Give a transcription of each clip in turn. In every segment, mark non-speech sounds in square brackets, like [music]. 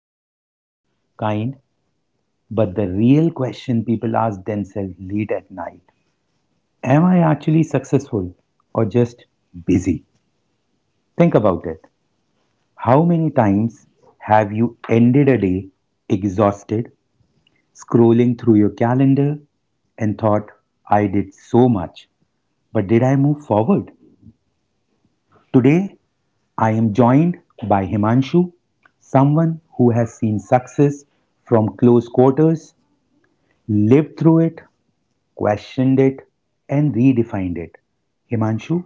announcement kind, but the real question people ask themselves late at night: am I actually successful or just busy? Think about it. How many times have you ended a day exhausted, scrolling through your calendar and thought, I did so much, but did I move forward? Today, I am joined by Himanshu, someone who has seen success from close quarters, lived through it, questioned it, and redefined it. Himanshu,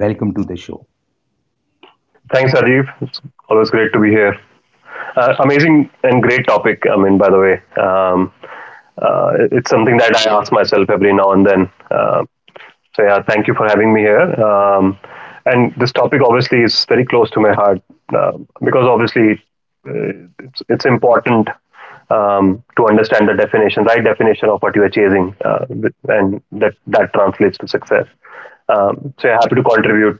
welcome to the show. Thanks, Rajiv. It's always great to be here. Amazing and great topic. Um, it's something that I ask myself every now and then. So yeah, thank you for having me here. Um, and this topic obviously is very close to my heart, because obviously uh, it's important to understand the definition, right definition of what you are chasing, and that translates to success. So yeah, happy to contribute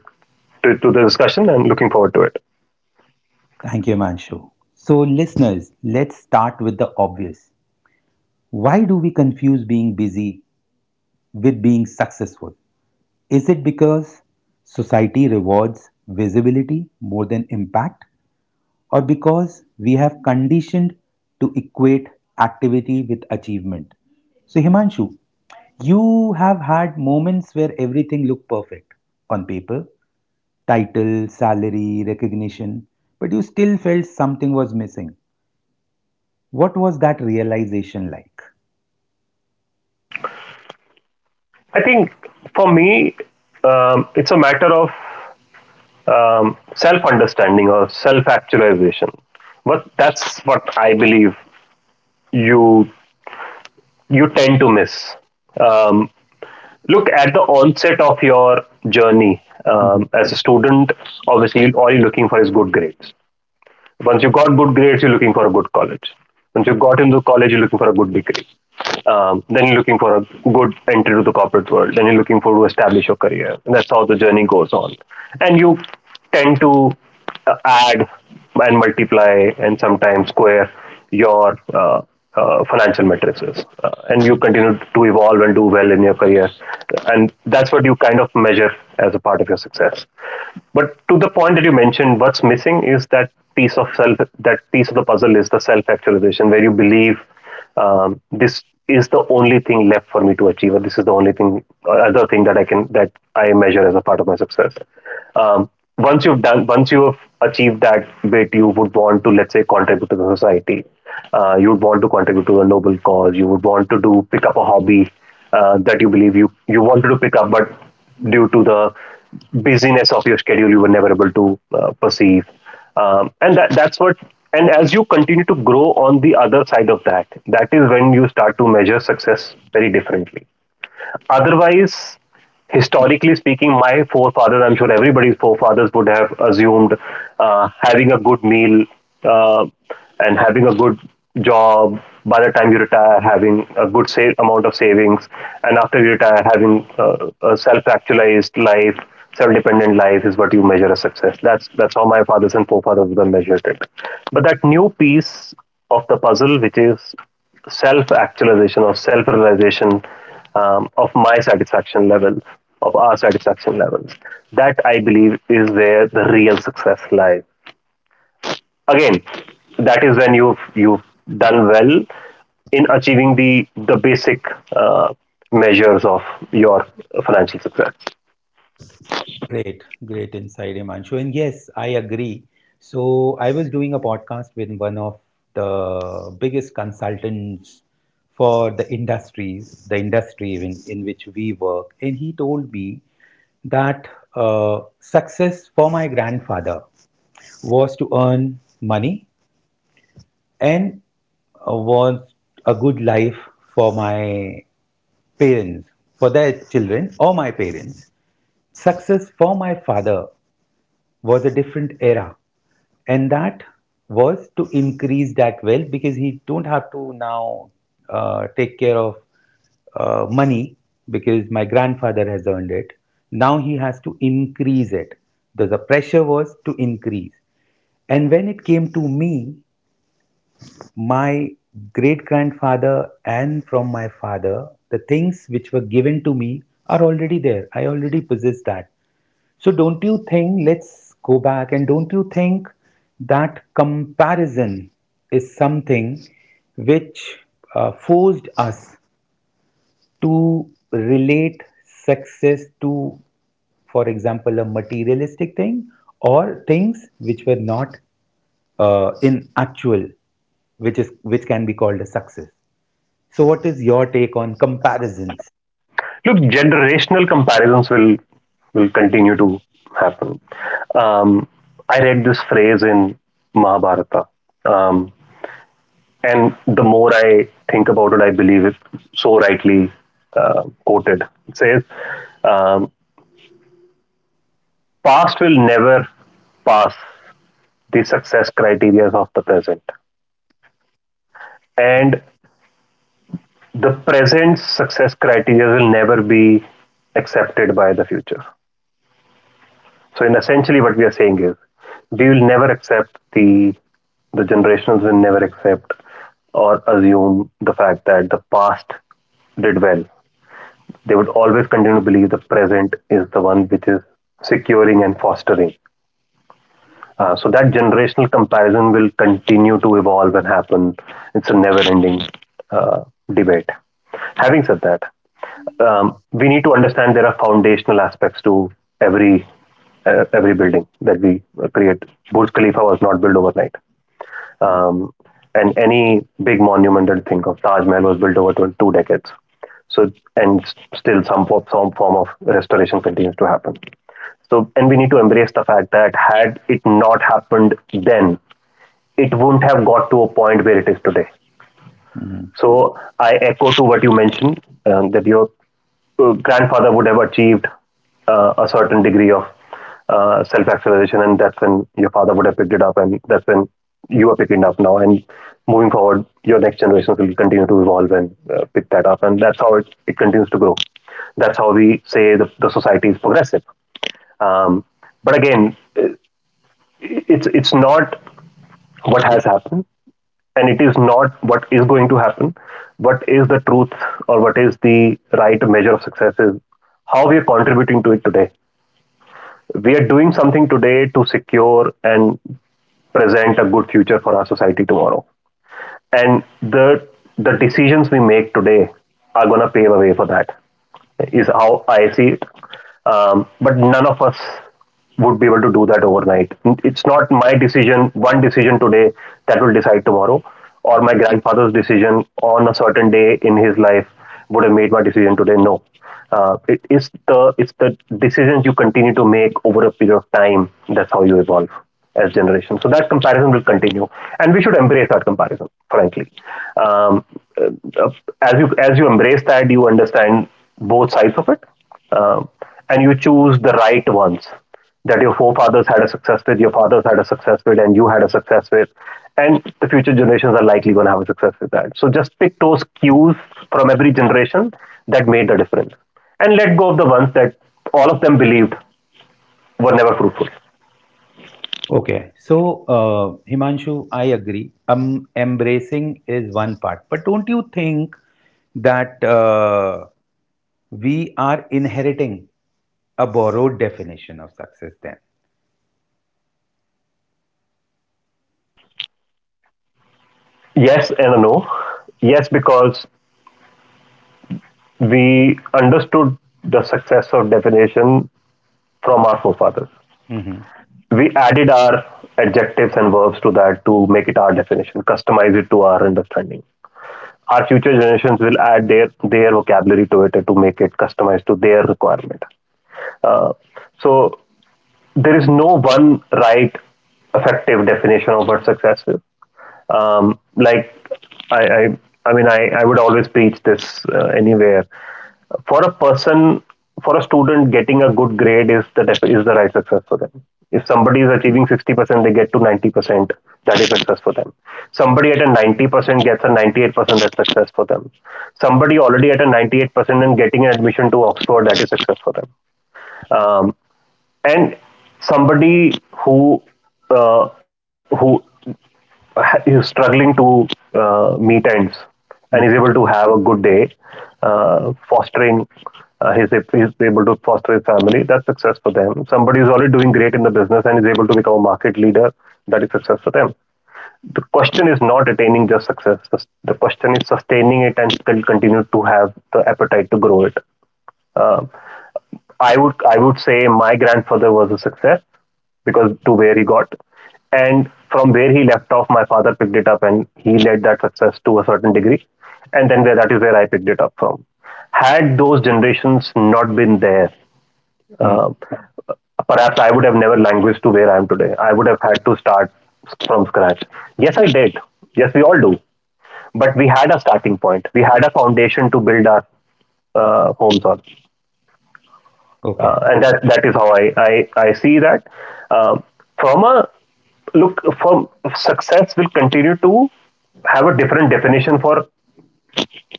to the discussion and looking forward to it. Thank you, Himanshu. So, listeners, let's start with the obvious. Why do we confuse being busy with being successful? Is it because society rewards visibility more than impact, or because we have conditioned to equate activity with achievement? So, Himanshu, you have had moments where everything looked perfect on paper: title, salary, recognition, but you still felt something was missing. What was that realization like? I think for me, it's a matter of self understanding or self actualization. But that's what I believe you you tend to miss. Um, Look at the onset of your journey Mm-hmm. As a student. Obviously, all you're looking for is good grades. Once you got good grades, you're looking for a good college. Once you got into college, you're looking for a good degree. Then you're looking for a good entry to the corporate world. Then you're looking for to establish your career. And that's how the journey goes on. And you tend to add and multiply and sometimes square your financial matrices, and you continue to evolve and do well in your career, and that's what you kind of measure as a part of your success. But to the point that you mentioned, what's missing is that piece of self, that piece of the puzzle is the self actualization, where you believe, this is the only thing left for me to achieve, or this is the only thing, other thing that I can that I measure as a part of my success. Um, once you've done once you have achieved that bit, you would want to, let's say, contribute to the society. You would want to contribute to a noble cause. You would want to do pick up a hobby that you believe you wanted to pick up, but due to the busyness of your schedule you were never able to perceive. Um, and that that's what and as you continue to grow on the other side of that, that is when you start to measure success very differently. Otherwise, historically speaking, my forefathers, I'm sure everybody's forefathers would have assumed having a good meal uh, and having a good job, by the time you retire, having a good amount of savings, and after you retire, having a self-actualized life, self-dependent life is what you measure as success. That's how my fathers and forefathers would have measured it. But that new piece of the puzzle, which is self-actualization or self-realization, of my satisfaction level, of our satisfaction levels. That I believe is where the real success lies. Again, that is when you've done well in achieving the basic uh, measures of your financial success. Great, great insight, Imanshu. And yes, I agree. So I was doing a podcast with one of the biggest consultants for the industries, the industry in which we work, and he told me that success for my grandfather was to earn money and was a good life for my parents, for their children or my parents. Success for my father was a different era, and that was to increase that wealth because he don't have to now take care of money, because my grandfather has earned it. Now he has to increase it. The pressure was to increase. And when it came to me, my great grandfather and from my father, the things which were given to me are already there. I already possess that. So don't you think, let's go back, and don't you think that comparison is something which forced us to relate success to, for example, a materialistic thing or things which were not in actual, which is which can be called a success. So, what is your take on comparisons? Look, generational comparisons will continue to happen. Um, I read this phrase in Mahabharata. Um, And the more I think about it, I believe it's so rightly quoted. It says, um, past will never pass the success criteria of the present. And the present success criteria will never be accepted by the future. So, in essentially, what we are saying is, we will never accept the generations will never accept or assume the fact that the past did well. They would always continue to believe the present is the one which is securing and fostering. So that generational comparison will continue to evolve and happen. It's a never-ending uh, debate. Having said that, we need to understand there are foundational aspects to every every building that we create. Burj Khalifa was not built overnight. Yeah. Um, and any big monumental thing of Taj Mahal was built over two decades. So, and still some, some form of restoration continues to happen. So, and we need to embrace the fact that had it not happened then, it wouldn't have got to a point where it is today. Mhm. So I echo to what you mentioned, that your grandfather would have achieved a certain degree of self acceleration, and that's when your father would have picked it up, and that's when you are picking it up now. And moving forward, your next generations will continue to evolve and pick that up, and that's how it continues to grow. That's how we say the society is progressive. Um, but again, it's not what has happened, and it is not what is going to happen. What is the truth, or what is the right measure of success, is how we are contributing to it today. We are doing something today to secure and present a good future for our society tomorrow, and the decisions we make today are going to pave a way for that. Is how I see it. But none of us would be able to do that overnight. It's not my decision one decision today that will decide tomorrow, or my grandfather's decision on a certain day in his life would have made my decision today. No, it is the decisions you continue to make over a period of time. That's how you evolve as generation. So that comparison will continue, and we should embrace that comparison. Frankly, um, uh, as you embrace that, you understand both sides of it, um, and you choose the right ones that your forefathers had a success with, your fathers had a success with, and you had a success with, and the future generations are likely going to have a success with that. So just pick those cues from every generation that made the difference, and let go of the ones that all of them believed were never fruitful. Okay, so Himanshu, I agree. Embracing is one part, but don't you think that we are inheriting a borrowed definition of success then? Yes and a no. Yes, because we understood the success of definition from our forefathers. Mm-hmm. We added our adjectives and verbs to that to make it our definition, customize it to our understanding. Our future generations will add their vocabulary to it to make it customized to their requirement. Uh, so there is no one right effective definition of what success is, um, like I, I i mean i i would always preach this anywhere. For a person, for a student, getting a good grade is the is the right success for them. If somebody is achieving 60% they get to 90%, that is success for them. Somebody at a 90% gets a 98%, that's success for them. Somebody already at a 98% and getting an admission to Oxford, that is success for them. Um, and Somebody who uh, who is struggling to meet ends and is able to have a good day, fostering his is able to foster his family, that's success for them. Somebody is already doing great in the business and is able to become a market leader, that is success for them. The question is not attaining just success. The question is sustaining it and still continue to have the appetite to grow it. Uh, I would say my grandfather was a success because to where he got, and from where he left off, my father picked it up and he led that success to a certain degree, and then where that is where I picked it up from. Had those generations not been there, Mm. uh, perhaps I would have never languished to where I am today. I would have had to start from scratch. Yes, I did. Yes, we all do. But we had a starting point. We had a foundation to build our homes on, Okay, and that is how I see that. Um, from a look, from Success will continue to have a different definition for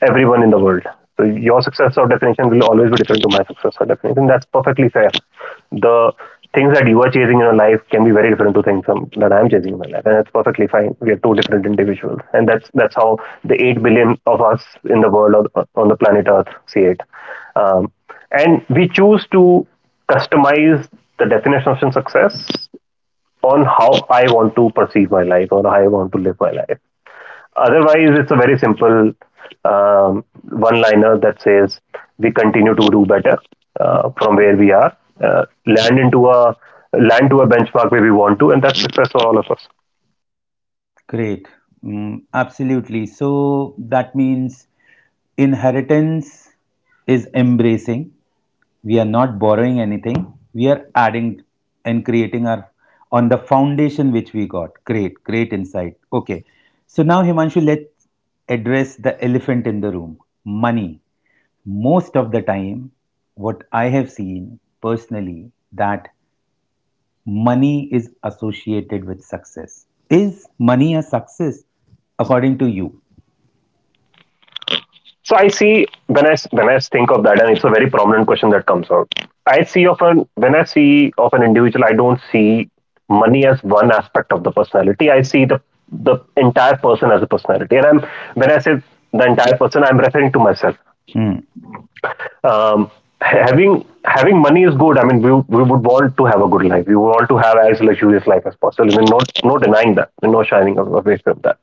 everyone in the world. So your success or definition will always be different to my success or definition. That's perfectly fair. The things that you are chasing in your life can be very different to things that I'm chasing in my life, and that's perfectly fine. We are two different individuals, and that's how the 8 billion of us in the world or on the planet Earth see it. Um, and we choose to customize the definition of success on how I want to perceive my life or how I want to live my life. Otherwise, it's a very simple one-liner that says we continue to do better from where we are, land into a land to a benchmark where we want to, and that's success for all of us. great. Mm, absolutely. So that means inheritance is embracing. We are not borrowing anything. We are adding and creating our on the foundation which we got. Great, great insight. Okay. So now, Himanshu, let's address the elephant in the room: money. Most of the time, what I have seen personally that money is associated with success. Is money a success according to you? So I see when when I think of that, and it's a very prominent question that comes out. I see of an when I see of an individual, I don't see money as one aspect of the personality. I see the entire person as a personality, and I'm when I say the entire person, I'm referring to myself. Hmm. um, having money is good. I mean, we would want to have a good life. We want to have as luxurious life as possible. We're not denying that. We're not shining away from that.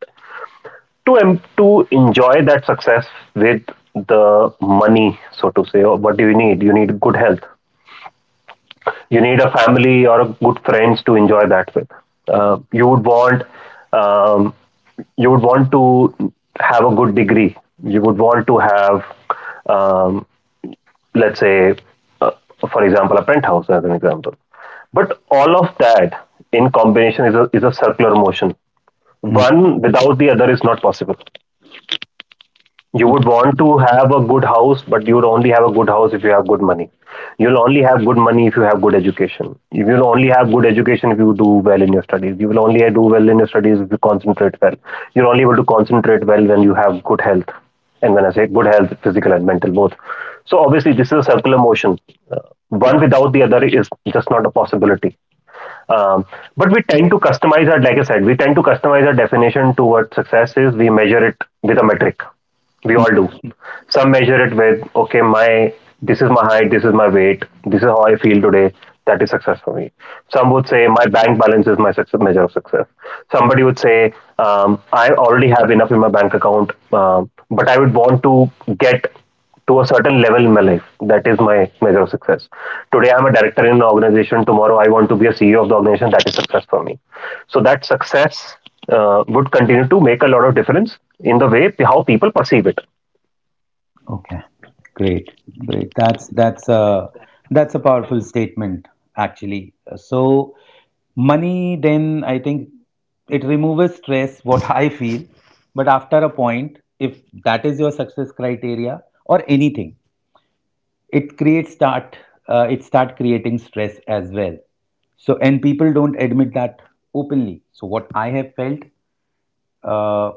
To enjoy that success with the money, so to say, or what do you need? You need good health. You need a family or a good friends to enjoy that with. You would want um, to have a good degree. You would want to have um, let's say, uh, for example, a penthouse as an example. But all of that in combination is is a circular motion. Hmm. One without the other is not possible. You Hmm. would want to have a good house, but you would only have a good house if you have good money. You'll only have good money if you have good education. You will only have good education if you do well in your studies. You will only do well in your studies if you concentrate well. You're only able to concentrate well when you have good health. And when I say good health, physical and mental both. So obviously, this is a circular motion. Uh, One without the other is just not a possibility. um, but we tend to customize our like I said we tend to customize our definition to what success is. We measure it with a metric. We all do. Some measure it with, okay, my, this is my height, this is my weight, this is how I feel today. That is success for me. Some would say my bank balance is my success measure of success. Somebody would say, I already have enough in my bank account, but I would want to get to a certain level in my life. That is my measure of success. Today I'm a director in an organization, tomorrow I want to be a CEO of the organization. That is success for me. So Okay, great, great. That's a powerful statement actually. So money, then I think it removes stress. [laughs] What I feel, but after a point, if that is your success criteria or anything, it creates start, it start creating stress as well. So and people don't admit that openly. So what I have felt, uh,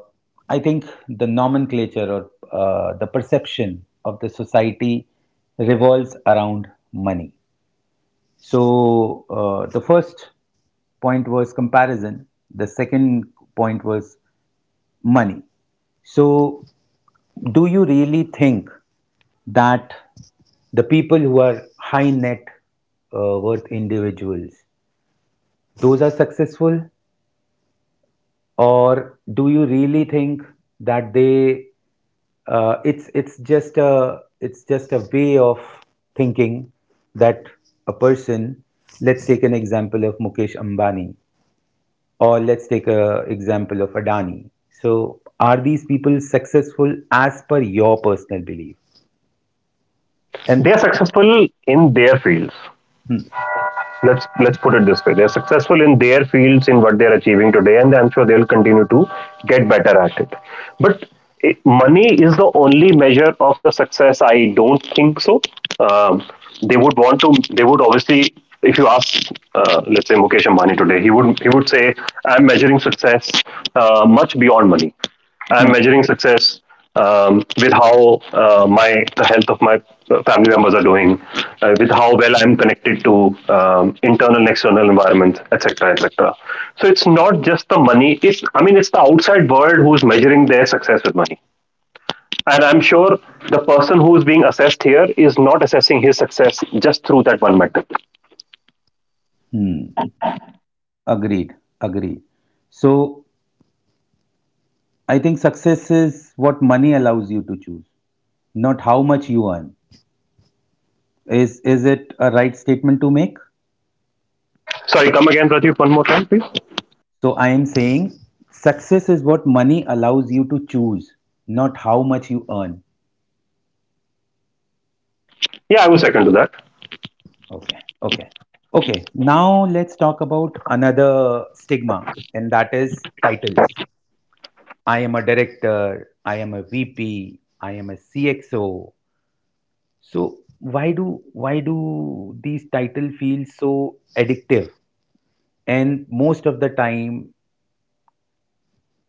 I think the nomenclature or the perception of the society revolves around money. So the first point was comparison. The second point was money. So do you really think that the people who are high net worth individuals, those are successful? Or do you really think that they it's it's just a way of thinking that a person, let's take an example of Mukesh Ambani or let's take an example of Adani. So are these people successful as per your personal belief? And they're successful in their fields. hmm. Let's put it this way, they're successful in their fields in what they're achieving today, and I'm sure they'll continue to get better at it. But money is the only measure of the success, I don't think so. um, they would want to, they would obviously, if you ask, let's say, Mukesh Ambani today, he would say, I'm measuring success much beyond money. I'm Hmm. measuring success with how, my, the health of my family members are doing, with how well I'm connected to internal and external environments, etc., etc. So it's not just the money. It's, I mean, it's the outside world who's measuring their success with money, and I'm sure the person who's being assessed here is not assessing his success just through that one metric. Hmm. Agreed, agreed. So I think success is what money allows you to choose, not how much you earn. Is it a right statement to make? Sorry, come again, Pradeep, one more time, please. So I am saying success is what money allows you to choose, not how much you earn. Yeah, I will second to that. Okay. Okay. Okay. Now let's talk about another stigma, and that is titles. I am a director, I am a VP, I am a CXO. So why do these titles feel so addictive? And most of the time,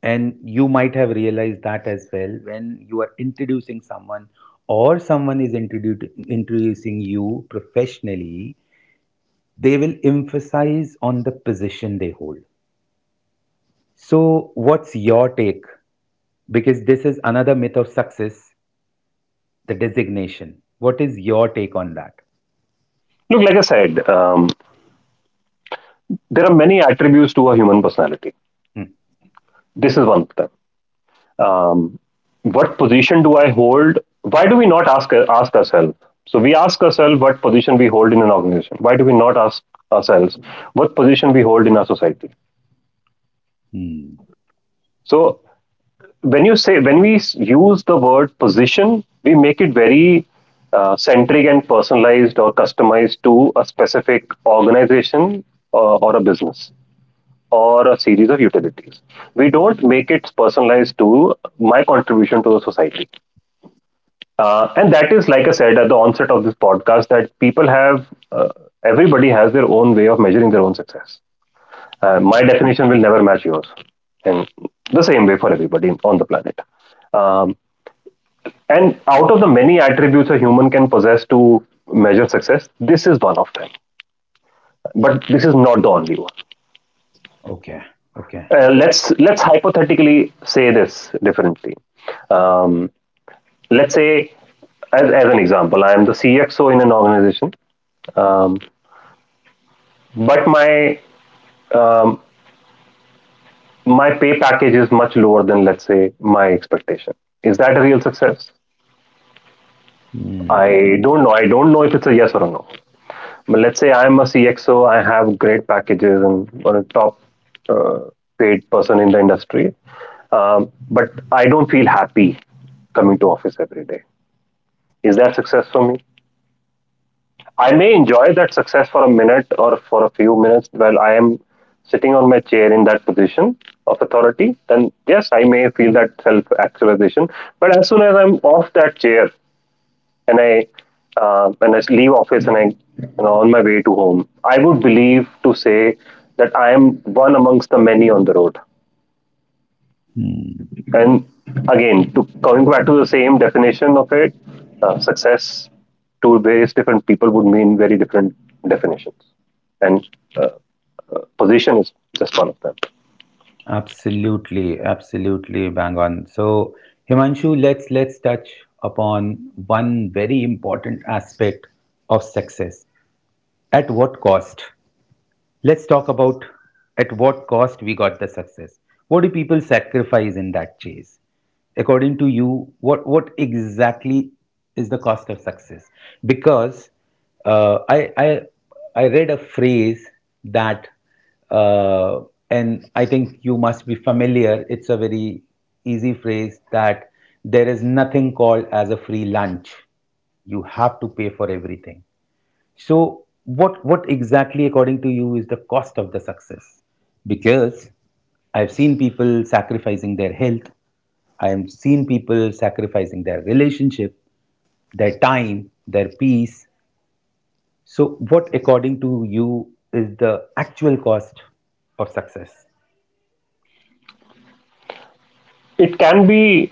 and you might have realized that as well, when you are introducing someone or someone is introducing you professionally, they will emphasize on the position they hold. So what's your take? Because this is another myth of success, the designation. What is your take on that? Look, like I said, there are many attributes to a human personality. Hmm. This is one of them. um, what position do I hold? Why do we not ask ourselves? So we ask ourselves what position we hold in an organization. Why do we not ask ourselves what position we hold in our society? Hmm. So when you say, when we use the word position, we make it very centric and personalized or customized to a specific organization, or a business or a series of utilities. We don't make it personalized to my contribution to the society. And that is, like I said at the onset of this podcast, that people have, uh, everybody has their own way of measuring their own success. Hmm. My definition will never match yours. And the same way for everybody on the planet. Um, and out of the many attributes a human can possess to measure success, this is one of them. But this is not the only one. Okay. Okay. Let's hypothetically say this differently. Um, let's say, as an example, I am the CXO in an organization. Um, but um, my pay package is much lower than, let's say, my expectation. Is that a real success? Hmm. I don't know, I don't know if it's a yes or a no. But let's say I'm a CXO, I have great packages and one of the top uh, paid person in the industry, but I don't feel happy coming to office every day. Is that success for me? I may enjoy that success for a minute or for a few minutes while I am sitting on my chair in that position of authority, then yes, I may feel that self actualization. But as soon as I'm off that chair and I leave office and I, you know, on my way to home, I would believe to say that I am one amongst the many on the road. Hmm. And again, to coming back to the same definition of it, success to various different people would mean very different definitions, and uh, position is just one of them. Absolutely, absolutely bang on. So, Himanshu, let's touch upon one very important aspect of success. At what cost? Let's talk about at what cost we got the success. What do people sacrifice in that chase? According to you, what exactly is the cost of success? Because uh, I, I, I read a phrase that, uh, and I think you must be familiar, it's a very easy phrase that there is nothing called as a free lunch. You have to pay for everything. So, what exactly, according to you, is the cost of the success? Because I've seen people sacrificing their health. I have seen people sacrificing their relationship, their time, their peace. So, what, according to you, is the actual cost of success? It can be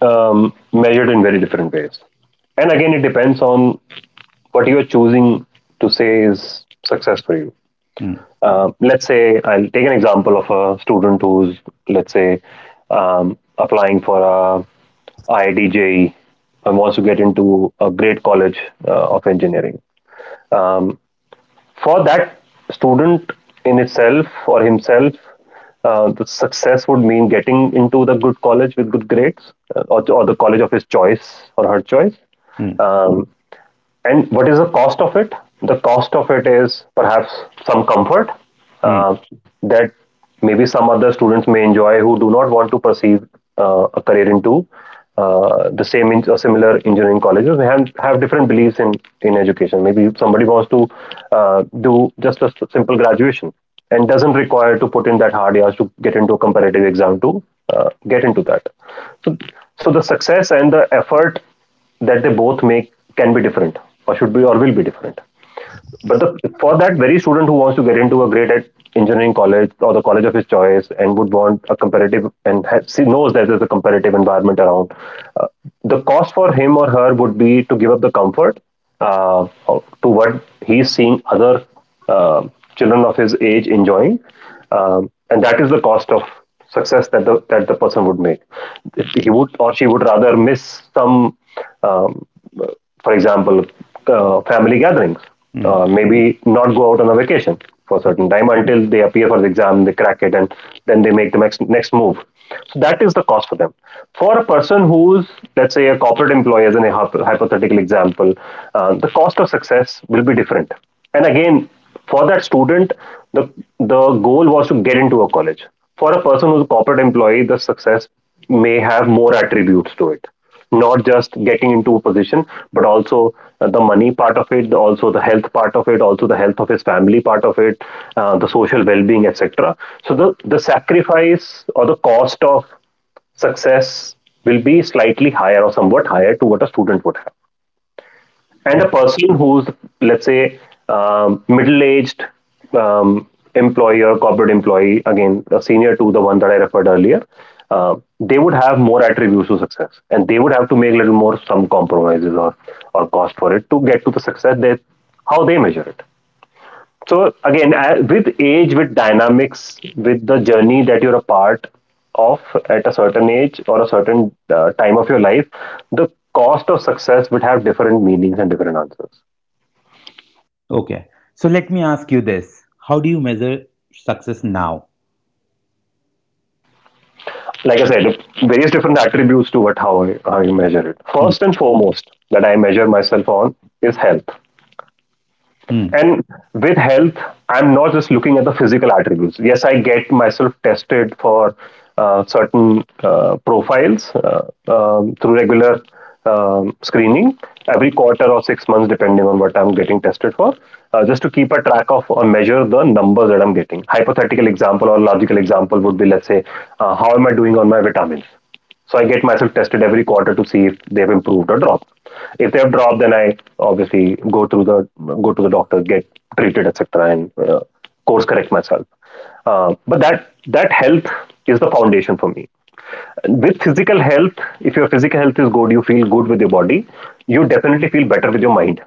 measured in very different ways, and again, it depends on what you are choosing to say is success for you. Hmm. Let's say I'll take an example of a student who's, let's say, applying for a IIDJE and wants to get into a great college of engineering. Um, for that student in itself or himself, the success would mean getting into the good college with good grades, or the college of his choice or her choice. Hmm. Um, and what is the cost of it? The cost of it is perhaps some comfort Hmm. uh, that maybe some other students may enjoy who do not want to perceive a career into the same or similar engineering colleges. They have different beliefs in education. Maybe somebody wants to do just a simple graduation and doesn't require to put in that hard yards to get into a competitive exam to get into that. So, so the success and the effort that they both make can be different or should be or will be different, but for that very student who wants to get into a great at engineering college or the college of his choice and would want a competitive and knows that there's a competitive environment around, uh, the cost for him or her would be to give up the comfort to what he's seeing other uh, children of his age enjoying, and that is the cost of success that the person would make. He would or she would rather miss some um, for example, family gatherings. Hmm. Maybe not go out on a vacation for a Hmm. certain time until they appear for the exam, they crack it, and then they make the next move. So that is the cost for them. For a person who's, let's say, a corporate employee, as in a hypothetical example, the cost of success will be different. And again, for that student, the the goal was to get into a college. For a person who's a corporate employee, the success may have more attributes to it, not just getting into a position but also the money part of it, also the health part of it, also the health of his family part of it, the social well-being, etc. So the sacrifice or the cost of success will be slightly higher or somewhat higher to what a student would have. And Hmm. a person who's, let's say, middle-aged, um, employee or corporate employee, again a senior to the one that I referred earlier, uh, they would have more attributes to success and they would have to make little more, some compromises or cost for it to get to the success that how they measure it. So again, with age, with dynamics, with the journey that you're a part of at a certain age or a certain time of your life, the cost of success would have different meanings and different answers. Okay. So, let me ask you this: how do you measure success now? Like I said, various different attributes to how you measure it. Hmm. First and foremost, that I measure myself on is health. Hmm. And with health, I'm not just looking at the physical attributes. Yes, I get myself tested for certain profiles through regular screening every quarter or 6 months, depending on what I'm getting tested for, just to keep a track of or measure the numbers that I'm getting. Hypothetical example or logical example would be, let's say, how am I doing on my vitamins? So I get myself tested every quarter to see if they've improved or dropped. If they have dropped, then I obviously go to the doctor, get treated, etc., and course correct myself. But that health is the foundation for me. With physical health, if your physical health is good, you feel good with your body. You definitely feel better with your mind.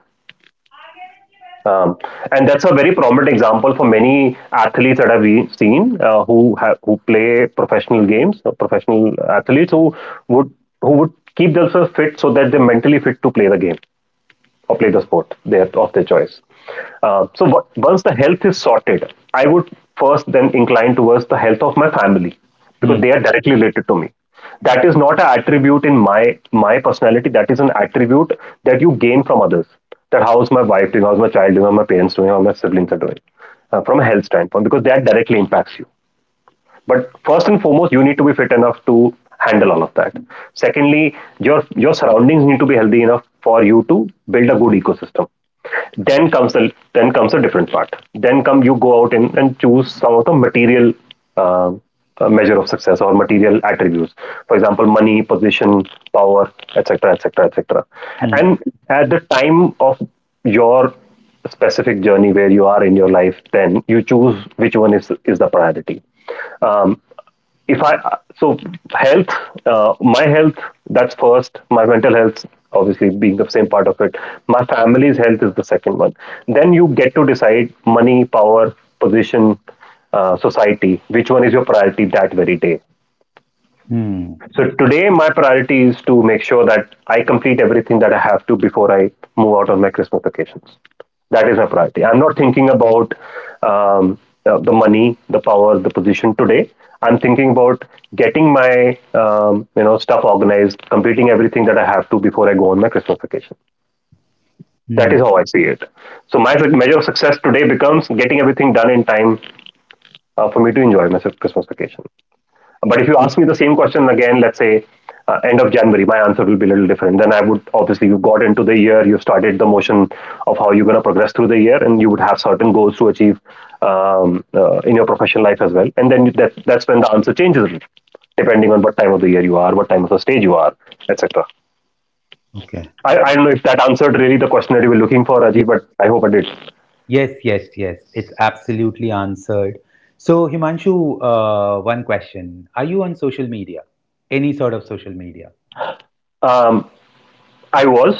Um, and that's a very prominent example for many athletes that seen who play professional games, professional athletes would who would keep themselves fit so that they're mentally fit to play the game or play the sport of their choice. Once the health is sorted, I would first then incline towards the health of my family Hmm. because they are directly related to me. That is not an attribute in my personality. That is an attribute that you gain from others. That how's my wife doing, how's my child doing, how my parents doing, how my siblings are doing, from a health standpoint, because that directly impacts you. But first and foremost, you need to be fit enough to handle all of that. Secondly, your surroundings need to be healthy enough for you to build a good ecosystem. then comes the then comes a different part then come you go out and, choose some of the material uh, measure of success or material attributes, for example, money, position, power, etc., etc., etc. Hmm. And at the time of your specific journey, where you are in your life, then you choose which one is the priority. Um, if I so health, my health, that's first. My mental health, obviously, being the same part of it. My family's health is the second one. Then you get to decide money, power, position, society, which one is your priority that very day. Hmm. So today my priority is to make sure that I complete everything that I have to before I move out on my Christmas vacations. That is my priority. I'm not thinking about um, the money, the power, the position today. I'm thinking about getting my stuff organized, completing everything that I have to before I go on my Christmas vacation. That Hmm. is how I see it. So my measure of success today becomes getting everything done in time for me to enjoy my Christmas vacation. But if you ask me the same question again, let's say end of January, my answer will be a little different. Then I would obviously, you've got into the year, you've started the motion of how you're going to progress through the year, and you would have certain goals to achieve in your professional life as well. And then that's when the answer changes, depending on what time of the year you are, what time of the stage you are, etc. Okay. I don't know if that answered really the question that you were looking for, Rajiv, but I hope I did. Yes, yes, yes. It's absolutely answered. So, Himanshu, one question. Are you on social media? Any sort of social media? Um, I was,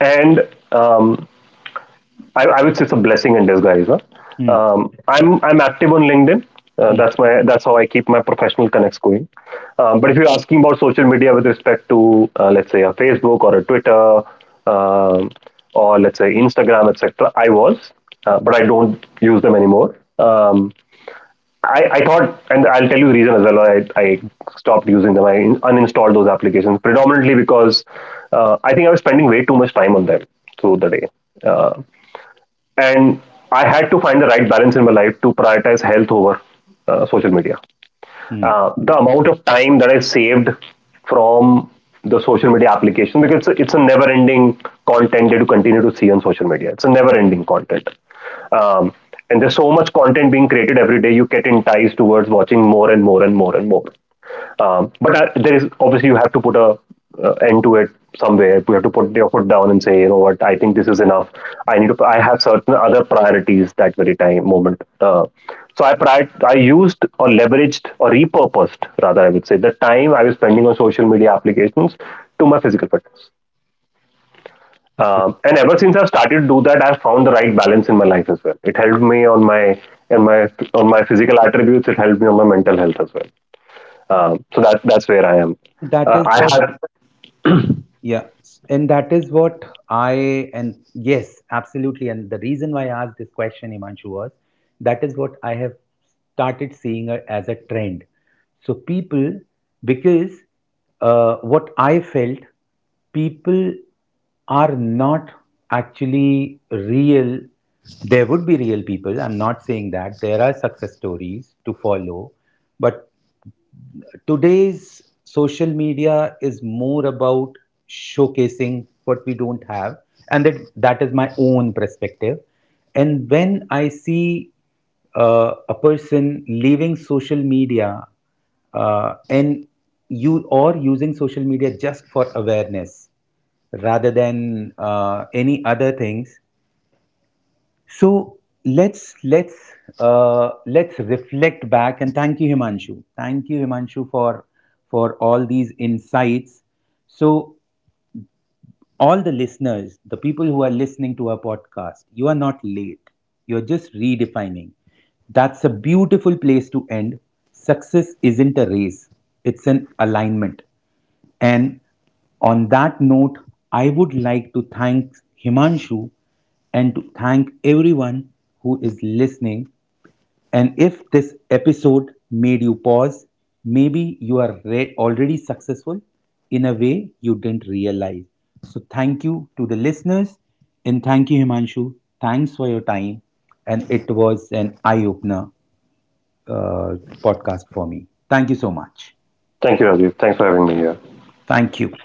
and um, I would say it's a blessing in disguise. Huh? Hmm. I'm active on LinkedIn. Hmm. That's how I keep my professional connects going. But if you're asking about social media with respect to let's say a Facebook or a Twitter, um, or let's say Instagram, etc., I was, but I don't use them anymore. I thought, and I'll tell you the reason as well, why I stopped using them. I uninstalled those applications predominantly because I think I was spending way too much time on them through the day. Uh, and I had to find the right balance in my life to prioritize health over social media. Hmm. The amount of time that I saved from the social media application, because it's a never-ending content that you continue to see on social media. It's a never-ending content, um, and there's so much content being created every day. You get enticed towards watching more and more and more and more. But There is, obviously, you have to put a end to it somewhere. You have to put your foot down and say, you know what, I think this is enough. I need to. I have certain other priorities that very time moment. So I used or leveraged or repurposed, rather, I would say, the time I was spending on social media applications to my physical fitness. And ever since I've started to do that, I've found the right balance in my life as well. It helped me on my physical attributes. It helped me on my mental health as well. So that's where I am. That is I what. had Yeah, and that is what I and yes, absolutely. And the reason why I asked this question, Imanshu, was that is what I have started seeing it as a trend. So people, because what I felt, people are not actually real. There would be real people. I'm not saying that. There are success stories to follow, but today's social media is more about showcasing what we don't have, and that is my own perspective. And when I see a person leaving social media, and you or using social media just for awareness rather than any other things, so let's, let's reflect back and thank you, Himanshu. Thank you, Himanshu, for all these insights. So all the listeners, the people who are listening to our podcast, you are not late. You're just redefining. That's a beautiful place to end. Success isn't a race, it's an alignment. And on that note, I would like to thank Himanshu and to thank everyone who is listening. And if this episode made you pause, maybe you are already successful in a way you didn't realize. So, thank you to the listeners and thank you, Himanshu. Thanks for your time. And it was an eye opener uh, podcast for me. Thank you so much. Thank you, Rajiv. Thanks for having me here. Thank you.